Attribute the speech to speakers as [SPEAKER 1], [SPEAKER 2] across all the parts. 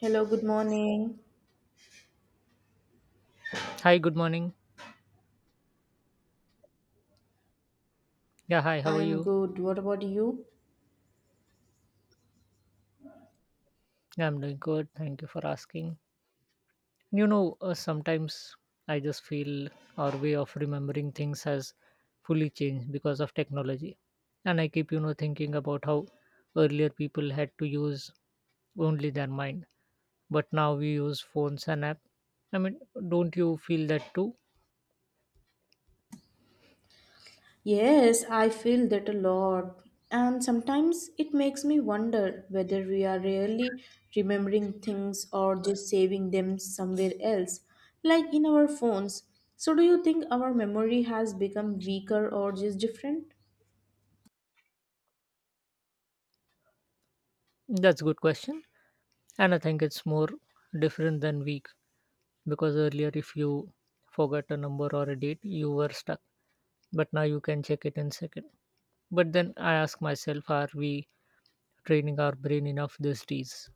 [SPEAKER 1] Hello, good morning.
[SPEAKER 2] Hi, good morning. Yeah, hi, how are
[SPEAKER 1] I'm
[SPEAKER 2] you?
[SPEAKER 1] good. What about you?
[SPEAKER 2] Yeah, I'm doing good. Thank you for asking. Sometimes I just feel our way of remembering things has fully changed because of technology. And I keep, thinking about how earlier people had to use only their mind, but now we use phones and app. I mean, don't you feel that too?
[SPEAKER 1] Yes, I feel that a lot. And sometimes it makes me wonder whether we are really remembering things or just saving them somewhere else, like in our phones. So, do you think our memory has become weaker or just different?
[SPEAKER 2] That's a good question. And I think it's more different than weak because earlier, if you forgot a number or a date, you were stuck, but now you can check it in second. But then I ask myself, are we training our brain enough these days?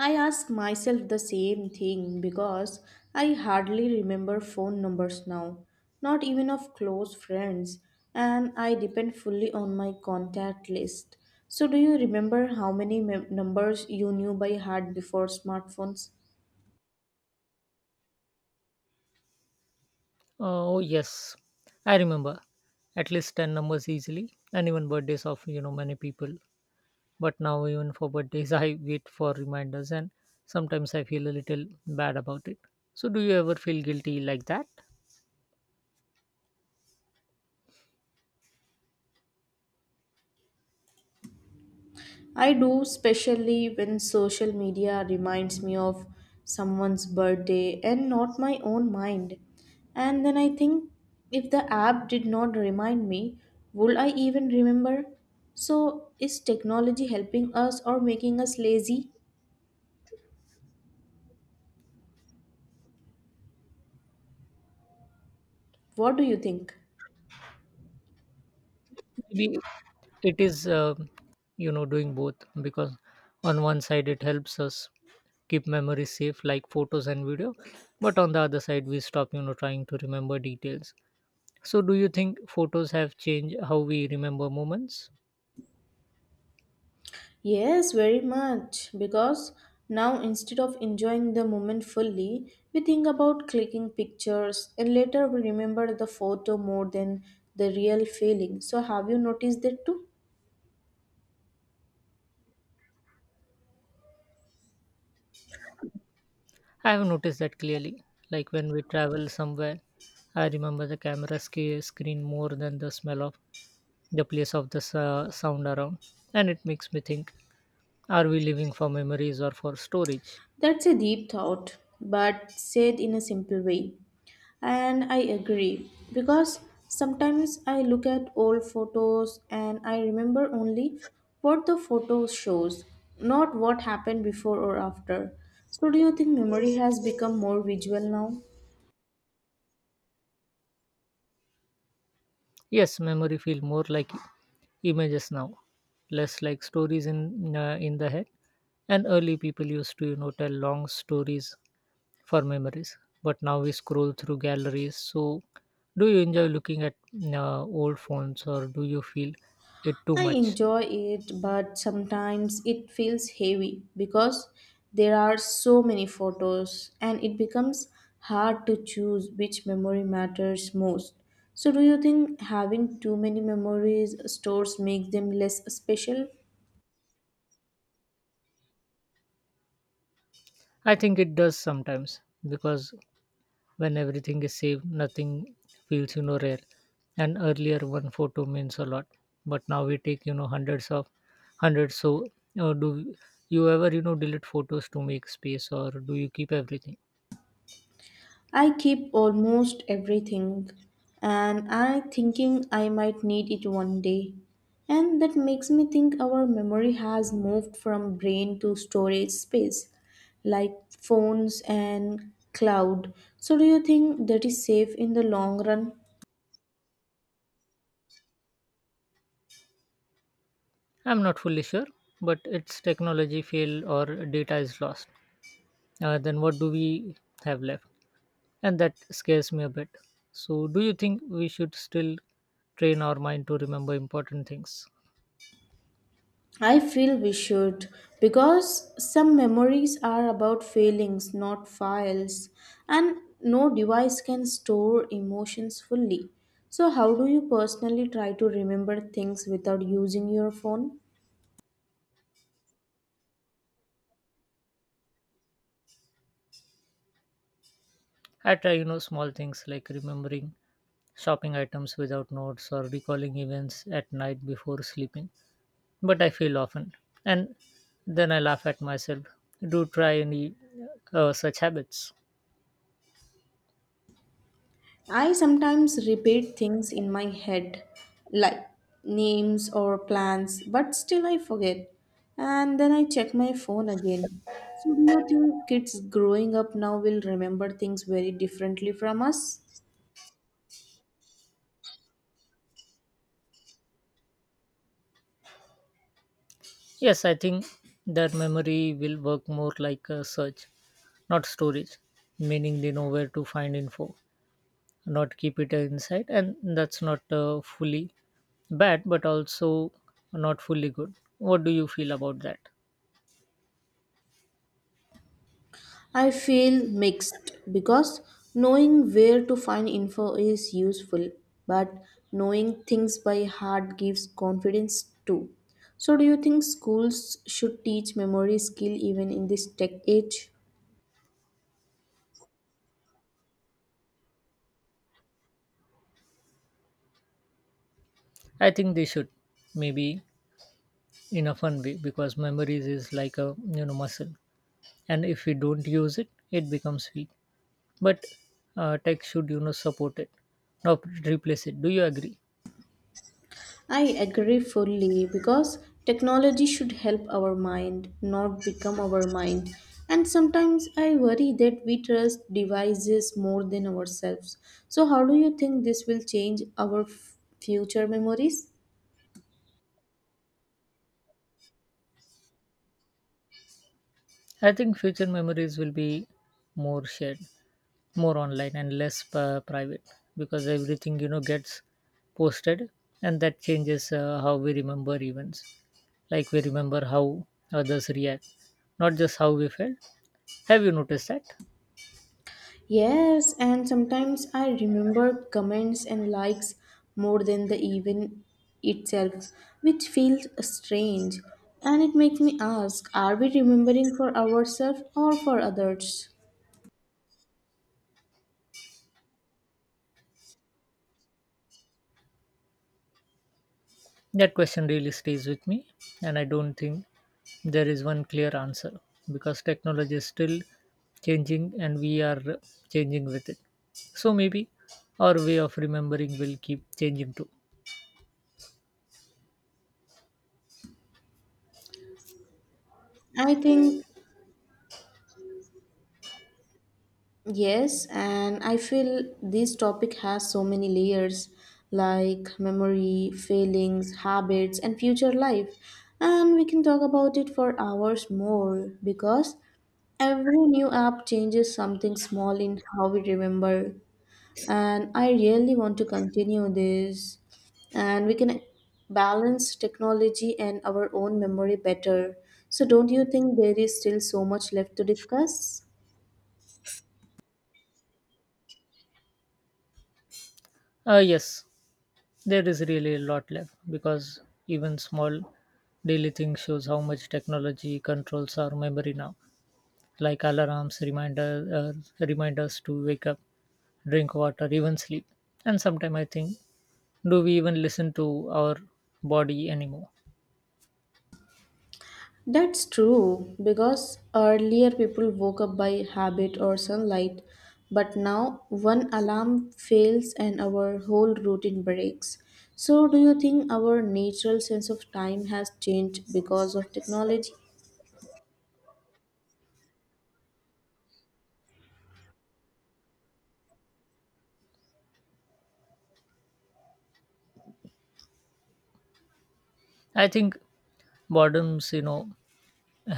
[SPEAKER 1] I ask myself the same thing because I hardly remember phone numbers now, not even of close friends, and I depend fully on my contact list. So, do you remember how many numbers you knew by heart before smartphones?
[SPEAKER 2] Oh yes, I remember at least 10 numbers easily, and even birthdays of many people. But now, even for birthdays, I wait for reminders, and sometimes I feel a little bad about it. So do you ever feel guilty like that?
[SPEAKER 1] I do, especially when social media reminds me of someone's birthday and not my own mind. And then I think if the app did not remind me, would I even remember? So, is technology helping us or making us lazy? What do you think?
[SPEAKER 2] Maybe it is doing both, because on one side it helps us keep memories safe, like photos and video, but on the other side we stop trying to remember details. So do you think photos have changed how we remember moments?
[SPEAKER 1] Yes, very much. Because now, instead of enjoying the moment fully, we think about clicking pictures and later we remember the photo more than the real feeling. So, have you noticed that too?
[SPEAKER 2] I have noticed that clearly. Like when we travel somewhere, I remember the camera screen more than the smell of the place, of the sound around. And it makes me think, are we living for memories or for storage?
[SPEAKER 1] That's a deep thought, but said in a simple way. And I agree because sometimes I look at old photos and I remember only what the photo shows, not what happened before or after. So, do you think memory has become more visual now?
[SPEAKER 2] Yes, memory feel more like images now, less like stories in the head. And early people used to tell long stories for memories, but now we scroll through galleries. So, do you enjoy looking at old phones, or do you feel it too
[SPEAKER 1] I
[SPEAKER 2] much?
[SPEAKER 1] enjoy it, but sometimes it feels heavy because there are so many photos and it becomes hard to choose which memory matters most. So, do you think having too many memories stores makes them less special?
[SPEAKER 2] I think it does sometimes, because when everything is saved, nothing feels rare. And earlier, one photo means a lot, but now we take hundreds of hundreds. So do you ever delete photos to make space, or do you keep everything?
[SPEAKER 1] I keep almost everything and I'm thinking I might need it one day. And that makes me think our memory has moved from brain to storage space, like phones and cloud. So, do you think that is safe in the long run?
[SPEAKER 2] I'm not fully sure, but it's technology fail or data is lost, then what do we have left? And that scares me a bit. So do you think we should still train our mind to remember important things?
[SPEAKER 1] I feel we should because some memories are about feelings, not files, and no device can store emotions fully. So, how do you personally try to remember things without using your phone?
[SPEAKER 2] I try small things, like remembering shopping items without notes or recalling events at night before sleeping, but I fail often. And then I laugh at myself. Do try any such habits.
[SPEAKER 1] I sometimes repeat things in my head, like names or plans, but still I forget. And then I check my phone again. So, do you think kids growing up now will remember things very differently from us?
[SPEAKER 2] Yes, I think that memory will work more like a search, not storage, meaning they know where to find info, not keep it inside. And that's not fully bad, but also not fully good. What do you feel about that?
[SPEAKER 1] I feel mixed because knowing where to find info is useful, but knowing things by heart gives confidence too. So, do you think schools should teach memory skill even in this tech age?
[SPEAKER 2] I think they should, maybe in a fun way, because memories is like a muscle, and if we don't use it, it becomes weak. But tech should support it, not replace it. Do you agree?
[SPEAKER 1] I agree fully because technology should help our mind, not become our mind. And sometimes I worry that we trust devices more than ourselves. So, how do you think this will change our future memories?
[SPEAKER 2] I think future memories will be more shared, more online, and less private, because everything gets posted. And that changes how we remember events. Like we remember how others react, not just how we felt. Have you noticed that?
[SPEAKER 1] Yes, and sometimes I remember comments and likes more than the event itself, which feels strange. And it makes me ask, are we remembering for ourselves or for others?
[SPEAKER 2] That question really stays with me, and I don't think there is one clear answer, because technology is still changing and we are changing with it. So maybe our way of remembering will keep changing too.
[SPEAKER 1] I think, yes, and I feel this topic has so many layers, like memory, feelings, habits, and future life. And we can talk about it for hours more because every new app changes something small in how we remember. And I really want to continue this. And we can balance technology and our own memory better. So, don't you think there is still so much left to discuss?
[SPEAKER 2] Yes, there is really a lot left, because even small daily things shows how much technology controls our memory now, like alarms, reminders to wake up, drink water, even sleep. And sometimes I think, do we even listen to our body anymore?
[SPEAKER 1] That's true because earlier people woke up by habit or sunlight, but now one alarm fails and our whole routine breaks. So, do you think our natural sense of time has changed because of technology?
[SPEAKER 2] I think boredoms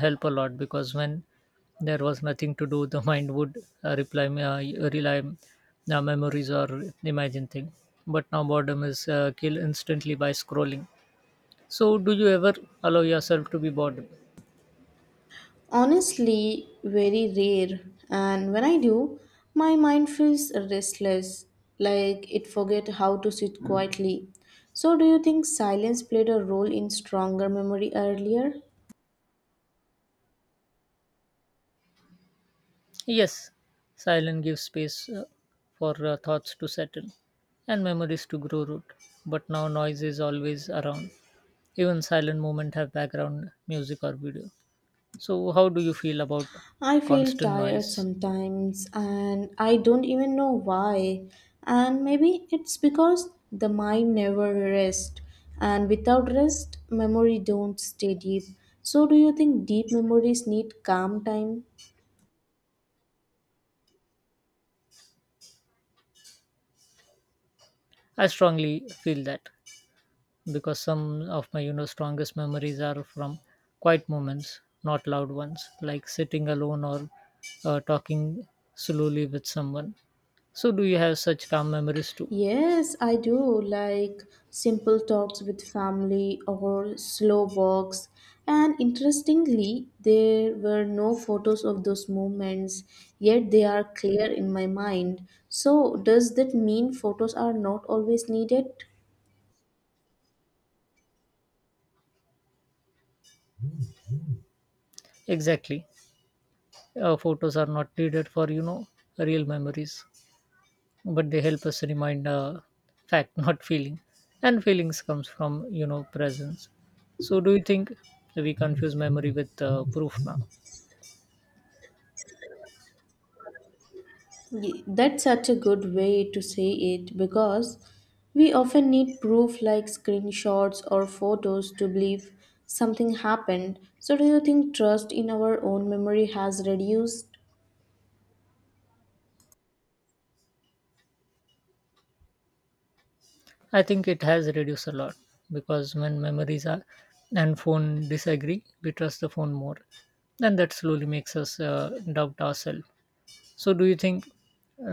[SPEAKER 2] help a lot, because when there was nothing to do, the mind would reply rely memories or imagine thing. But now boredom is killed instantly by scrolling. So do you ever allow yourself to be bored?
[SPEAKER 1] Honestly, very rare, and when I do, my mind feels restless, like it forget how to sit quietly. So, do you think silence played a role in stronger memory earlier?
[SPEAKER 2] Yes, silence gives space for thoughts to settle and memories to grow root, but now noise is always around. Even silent moments have background music or video. So, how do you feel about
[SPEAKER 1] I feel
[SPEAKER 2] constant noise?
[SPEAKER 1] tired sometimes and I don't even know why. And maybe it's because the mind never rests and without rest memory don't stay deep. So do you think deep memories need calm time?
[SPEAKER 2] I strongly feel that, because some of my strongest memories are from quiet moments, not loud ones, like sitting alone or talking slowly with someone. So, do you have such calm memories too?
[SPEAKER 1] Yes, I do, like simple talks with family or slow walks. And interestingly, there were no photos of those moments, yet they are clear in my mind. So, does that mean photos are not always needed?
[SPEAKER 2] Exactly. Photos are not needed for real memories, but they help us remind fact, not feeling. And feelings comes from presence. So do you think we confuse memory with proof now?
[SPEAKER 1] That's such a good way to say it because we often need proof like screenshots or photos to believe something happened. So, do you think trust in our own memory has reduced?
[SPEAKER 2] I think it has reduced a lot, because when memories are and phone disagree, we trust the phone more, and that slowly makes us doubt ourselves. So do you think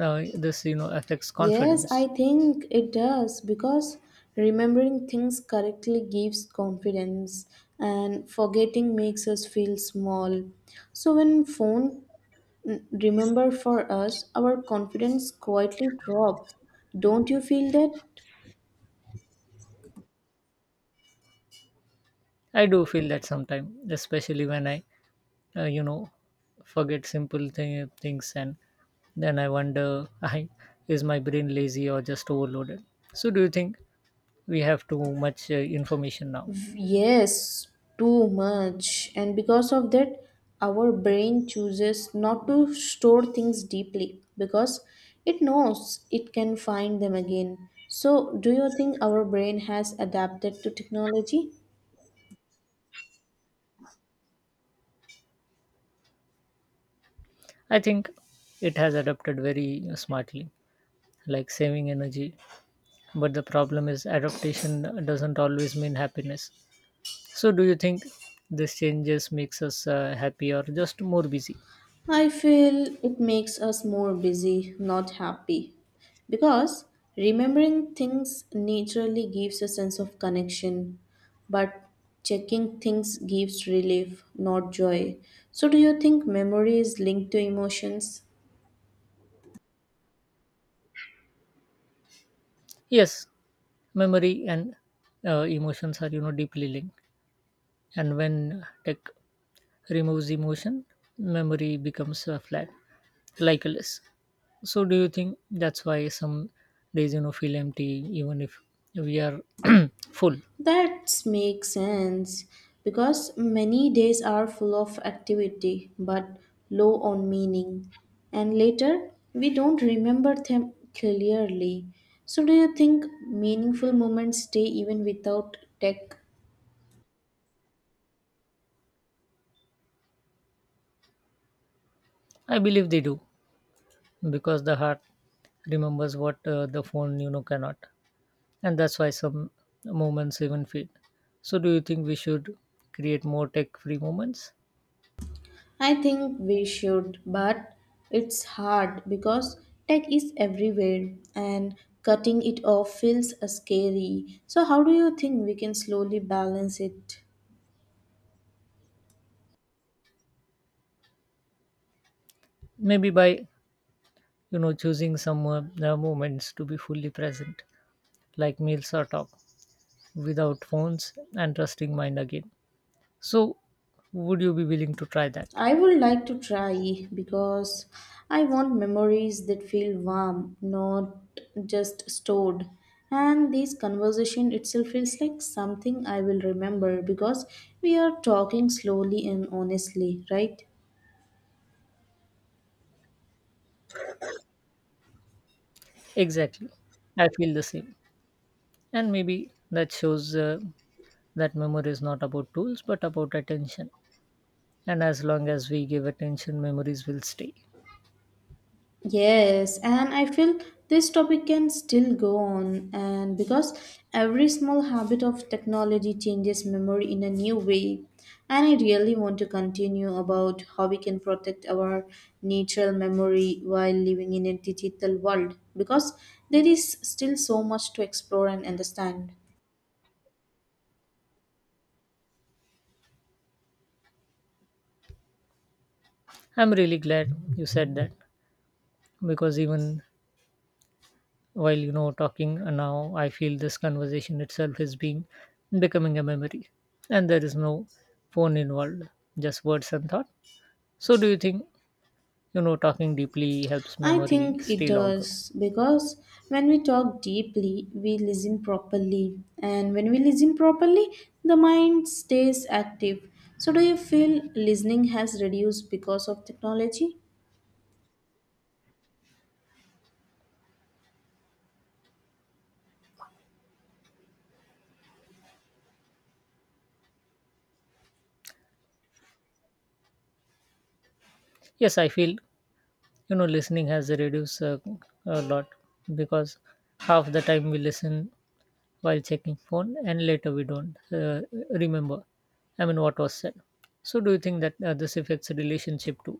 [SPEAKER 2] this affects
[SPEAKER 1] Yes, I
[SPEAKER 2] confidence?
[SPEAKER 1] think it does because remembering things correctly gives confidence and forgetting makes us feel small. So when phone, remember for us, our confidence quietly drops. Don't you feel that?
[SPEAKER 2] I do feel that sometimes, especially when I uh, you know forget things, and then I wonder, I is my brain lazy or just overloaded? So do you think we have too much information now?
[SPEAKER 1] Yes, too much. And because of that, our brain chooses not to store things deeply because it knows it can find them again. So, do you think our brain has adapted to technology?
[SPEAKER 2] I think it has adapted very smartly, like saving energy, but the problem is adaptation doesn't always mean happiness. So do you think this changes makes us happy or just more busy?
[SPEAKER 1] I feel it makes us more busy, not happy. Because remembering things naturally gives a sense of connection, but checking things gives relief, not joy. So, do you think memory is linked to emotions?
[SPEAKER 2] Yes, memory and emotions are deeply linked, and when tech removes emotion, memory becomes flat, likeless. So, do you think that's why some days feel empty, even if we are full?
[SPEAKER 1] That makes sense because many days are full of activity but low on meaning, and later we don't remember them clearly. So, do you think meaningful moments stay even without tech?
[SPEAKER 2] I believe they do, because the heart remembers what the phone cannot, and that's why some moments even fade. So, do you think we should create more tech-free moments?
[SPEAKER 1] I think we should, but it's hard because tech is everywhere and cutting it off feels scary. So, how do you think we can slowly balance it?
[SPEAKER 2] Maybe by choosing some moments to be fully present, like meals or talk, without phones, and trusting mind again. So, would you be willing to try that?
[SPEAKER 1] I would like to try because I want memories that feel warm, not just stored. And this conversation itself feels like something I will remember because we are talking slowly and honestly, right?
[SPEAKER 2] Exactly. I feel the same. And maybe that shows that memory is not about tools but about attention. And as long as we give attention, memories will stay.
[SPEAKER 1] Yes, and I feel this topic can still go on, and because every small habit of technology changes memory in a new way, and I really want to continue about how we can protect our natural memory while living in a digital world because there is still so much to explore and understand.
[SPEAKER 2] I'm really glad you said that, because even while talking now, I feel this conversation itself is being becoming a memory, and there is no phone involved, just words and thought. So, do you think talking deeply helps
[SPEAKER 1] I
[SPEAKER 2] memory
[SPEAKER 1] think it
[SPEAKER 2] stay longer?
[SPEAKER 1] does because when we talk deeply, we listen properly, and when we listen properly, the mind stays active. So, do you feel listening has reduced because of technology?
[SPEAKER 2] Yes, I feel listening has reduced a lot, because half the time we listen while checking phone, and later we don't remember, what was said. So do you think that this affects relationship too?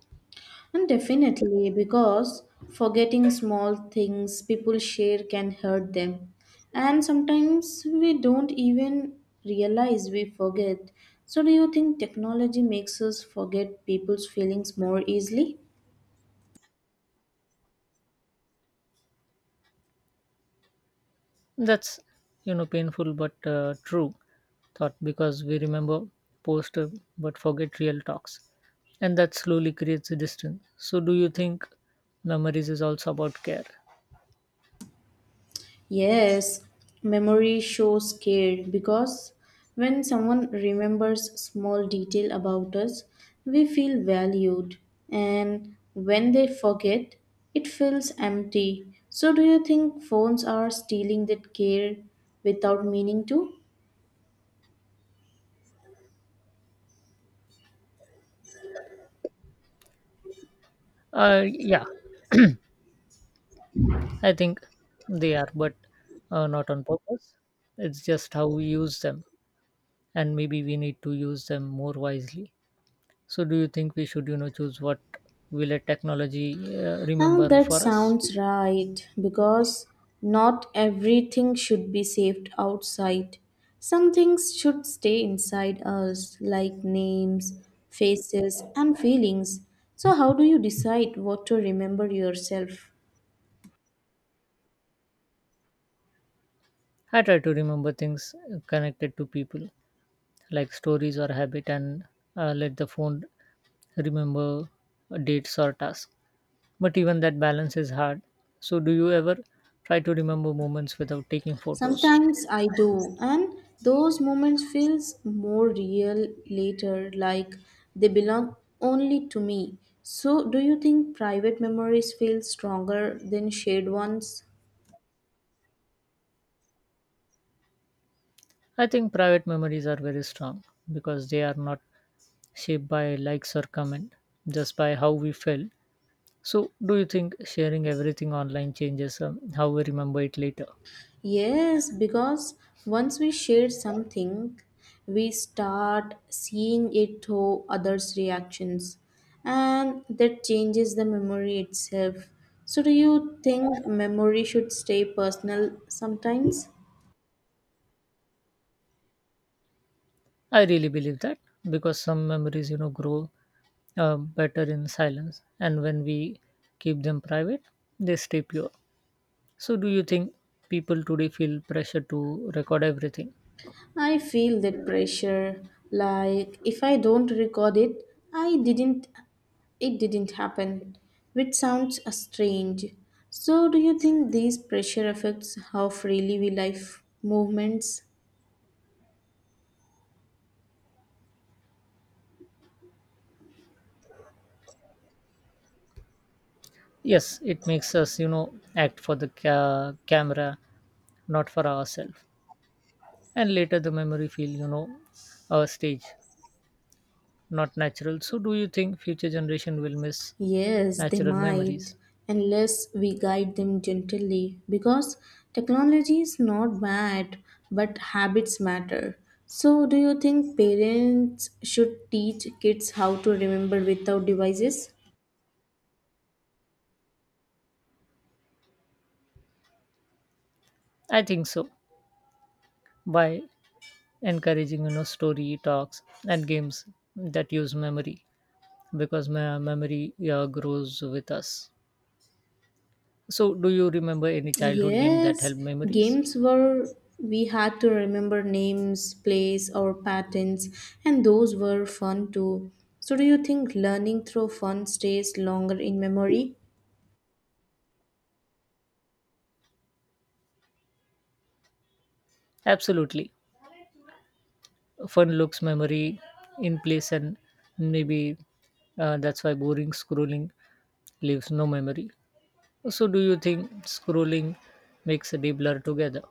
[SPEAKER 1] And definitely, because forgetting small things people share can hurt them. And sometimes we don't even realize we forget. So, do you think technology makes us forget people's feelings more easily?
[SPEAKER 2] That's painful but true thought, because we remember post, but forget real talks, and that slowly creates a distance. So do you think memories is also about care?
[SPEAKER 1] Yes, memory shows care because when someone remembers small detail about us, we feel valued and when they forget, it feels empty. So do you think phones are stealing that care without meaning to?
[SPEAKER 2] uh yeah, I think they are, but not on purpose. It's just how we use them, and maybe we need to use them more wisely. So, do you think we should, choose what we let technology
[SPEAKER 1] Huh,
[SPEAKER 2] remember
[SPEAKER 1] that
[SPEAKER 2] for us?
[SPEAKER 1] sounds right, because not everything should be saved outside. Some things should stay inside us, like names, faces, and feelings. So, how do you decide what to remember yourself?
[SPEAKER 2] I try to remember things connected to people, like stories or habit, and let the phone remember dates or tasks. But even that balance is hard. So, do you ever try to remember moments without taking photos?
[SPEAKER 1] Sometimes I do, and those moments feels more real later, like they belong only to me. So, do you think private memories feel stronger than shared ones?
[SPEAKER 2] I think private memories are very strong, because they are not shaped by likes or comment, just by how we felt. So, do you think sharing everything online changes how we remember it later?
[SPEAKER 1] Yes, because once we share something, we start seeing it through others' reactions, and that changes the memory itself. So, do you think memory should stay personal sometimes?
[SPEAKER 2] I really believe that, because some memories, grow better in silence, and when we keep them private, they stay pure. So, do you think people today feel pressure to record everything?
[SPEAKER 1] I feel that pressure. Like if I don't record it, I didn't. It didn't happen, which sounds strange. So, do you think these pressure affects how freely we life movements?
[SPEAKER 2] Yes, it makes us, act for the camera, not for ourselves. And later the memory feel stage, not natural. So do you think future generation will miss
[SPEAKER 1] Yes, they
[SPEAKER 2] natural
[SPEAKER 1] might,
[SPEAKER 2] memories?
[SPEAKER 1] unless we guide them gently, because technology is not bad, but habits matter. So, do you think parents should teach kids how to remember without devices?
[SPEAKER 2] I think so, by encouraging story talks and games that use memory, because my memory grows with us. So do you remember any childhood game that
[SPEAKER 1] Yes,
[SPEAKER 2] helped memories?
[SPEAKER 1] games were we had to remember names, place, or patterns, and those were fun too. So, do you think learning through fun stays longer in memory?
[SPEAKER 2] Absolutely. Fun looks memory in place, and maybe that's why boring scrolling leaves no memory. So, do you think scrolling makes a day blur together?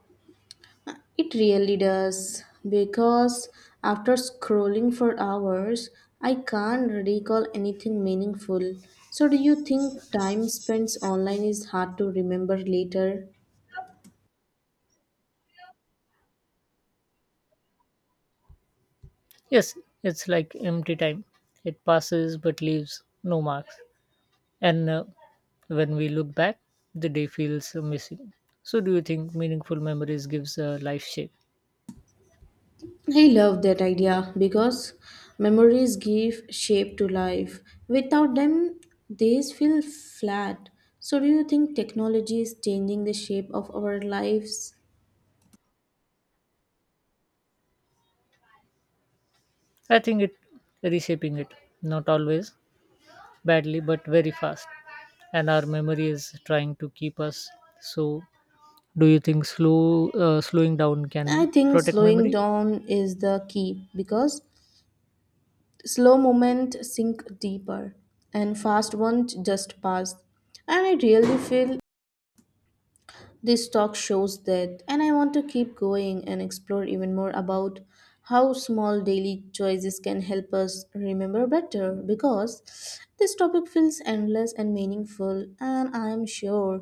[SPEAKER 1] It really does, because after scrolling for hours, I can't recall anything meaningful. So, do you think time spent online is hard to remember later?
[SPEAKER 2] Yes, it's like empty time. It passes but leaves no marks. And when we look back, the day feels missing. So, do you think meaningful memories gives a life shape?
[SPEAKER 1] I love that idea because memories give shape to life. Without them, days feel flat. So, do you think technology is changing the shape of our lives?
[SPEAKER 2] I think it reshaping it, not always badly, but very fast. And our memory is trying to keep us. So, do you think slowing down
[SPEAKER 1] I
[SPEAKER 2] can
[SPEAKER 1] think
[SPEAKER 2] protect
[SPEAKER 1] slowing
[SPEAKER 2] memory?
[SPEAKER 1] down is the key because slow moment sink deeper, and fast ones just pass. And I really feel this talk shows that, and I want to keep going and explore even more about how small daily choices can help us remember better because this topic feels endless and meaningful, and I am sure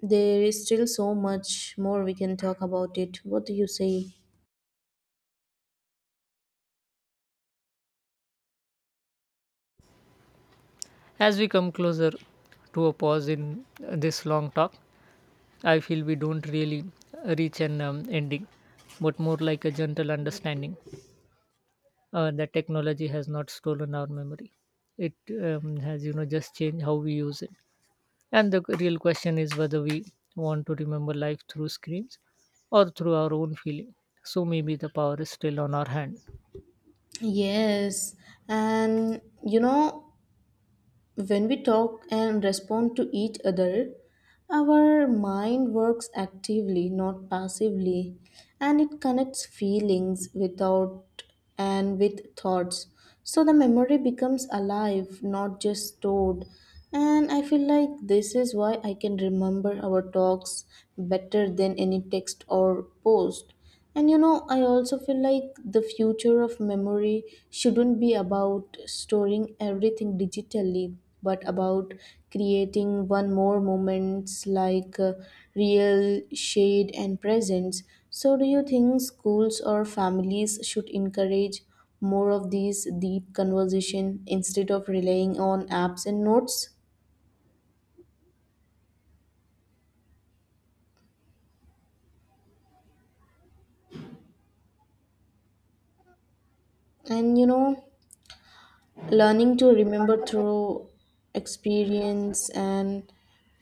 [SPEAKER 1] there is still so much more we can talk about it. What do you say?
[SPEAKER 2] As we come closer to a pause in this long talk, I feel we don't really reach an ending, but more like a gentle understanding that technology has not stolen our memory. It has, just changed how we use it. And the real question is whether we want to remember life through screens or through our own feeling. So maybe the power is still on our hand.
[SPEAKER 1] Yes, and you know, when we talk and respond to each other, our mind works actively, not passively, and it connects feelings without and with thoughts. So the memory becomes alive, not just stored. And I feel like this is why I can remember our talks better than any text or post, and you know, I also feel like the future of memory shouldn't be about storing everything digitally, but about creating one more moments like real shade and presence. So, do you think schools or families should encourage more of these deep conversation instead of relying on apps and notes? And you know, learning to remember through experience and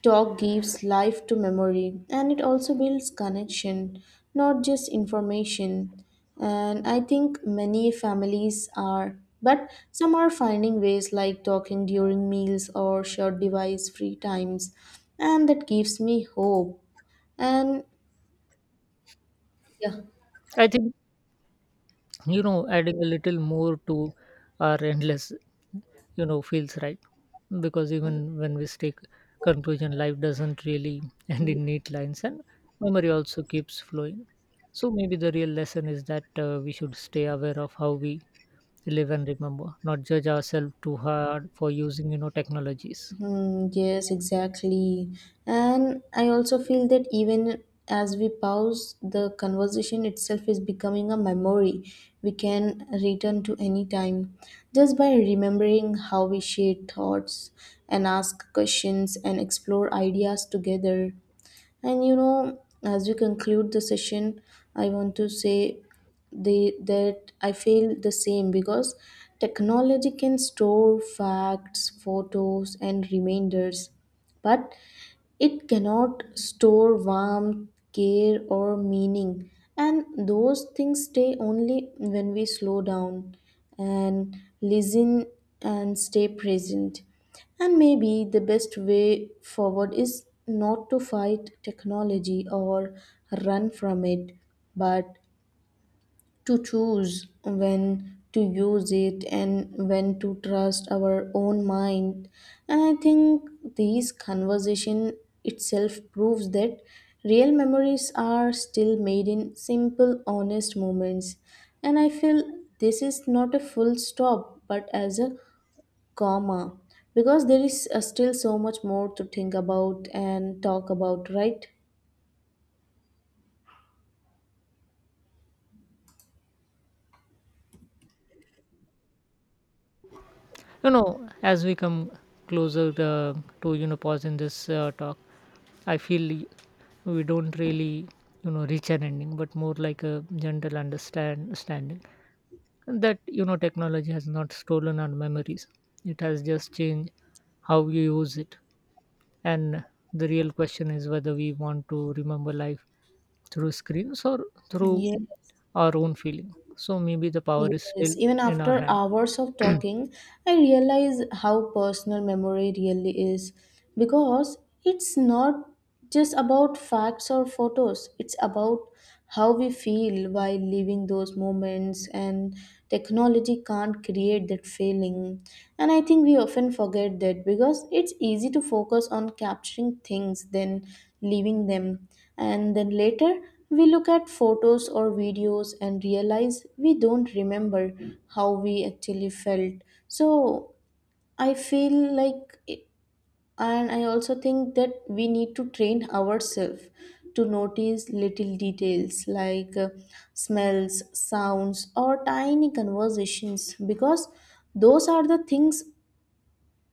[SPEAKER 1] talk gives life to memory and it also builds connection, not just information. And I think many families are, but some are finding ways like talking during meals or short device free times, and that gives me hope. And yeah.
[SPEAKER 2] I think adding a little more to our endless feels right, because even when we stick conclusion, life doesn't really end in neat lines, and memory also keeps flowing. So maybe the real lesson is that we should stay aware of how we live and remember, not judge ourselves too hard for using technologies.
[SPEAKER 1] Hmm, yes, exactly. And I also feel that even as we pause, the conversation itself is becoming a memory we can return to any time. Just by remembering how we shared thoughts and ask questions and explore ideas together, and you know, as we conclude the session, I want to say that I feel the same because technology can store facts, photos, and reminders, but it cannot store warmth, care, or meaning, and those things stay only when we slow down and listen and stay present. And maybe the best way forward is not to fight technology or run from it, but to choose when to use it and when to trust our own mind. And I think this conversation itself proves that real memories are still made in simple honest moments, and I feel this is not a full stop but as a comma because there is still so much more to think about and talk about, right?
[SPEAKER 2] You know, as we come closer to pause in this talk, I feel we don't really reach an ending, but more like a gentle understand standing that technology has not stolen our memories. It has just changed how you use it, and the real question is whether we want to remember life through screens or through
[SPEAKER 1] Yeah.
[SPEAKER 2] our own feeling. So maybe the power is
[SPEAKER 1] Yes,
[SPEAKER 2] still
[SPEAKER 1] even
[SPEAKER 2] in our
[SPEAKER 1] after
[SPEAKER 2] hand.
[SPEAKER 1] hours of talking, I realize how personal memory really is because it's not just about facts or photos, it's about how we feel while living those moments, and technology can't create that feeling. And I think we often forget that because it's easy to focus on capturing things than leaving them. And then later, we look at photos or videos and realize we don't remember how we actually felt. So, I feel like, and I also think that we need to train ourselves to notice little details like smells, sounds, or tiny conversations because those are the things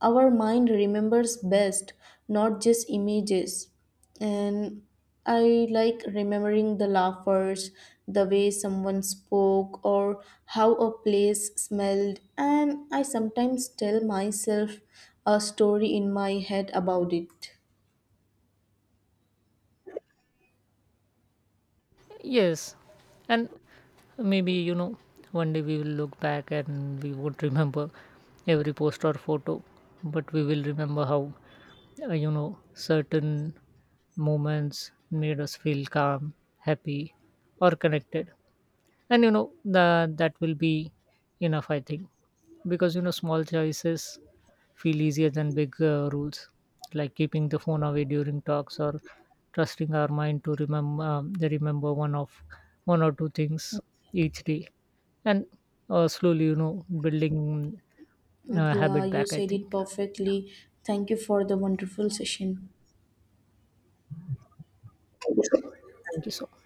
[SPEAKER 1] our mind remembers best, not just images. And I like remembering the laughers, the way someone spoke or how a place smelled, and I sometimes tell myself a story in my head about it.
[SPEAKER 2] Yes, and maybe one day we will look back and we won't remember every post or photo, but we will remember how certain moments made us feel calm, happy, or connected. And you know the that will be enough, I think, because small choices feel easier than big rules, like keeping the phone away during talks or trusting our mind to remember, they remember one of one or two things each day, and slowly building
[SPEAKER 1] Yeah,
[SPEAKER 2] habit
[SPEAKER 1] you
[SPEAKER 2] back, I
[SPEAKER 1] said it
[SPEAKER 2] think. Yeah,
[SPEAKER 1] perfectly. Thank you for the wonderful session.
[SPEAKER 2] thank you so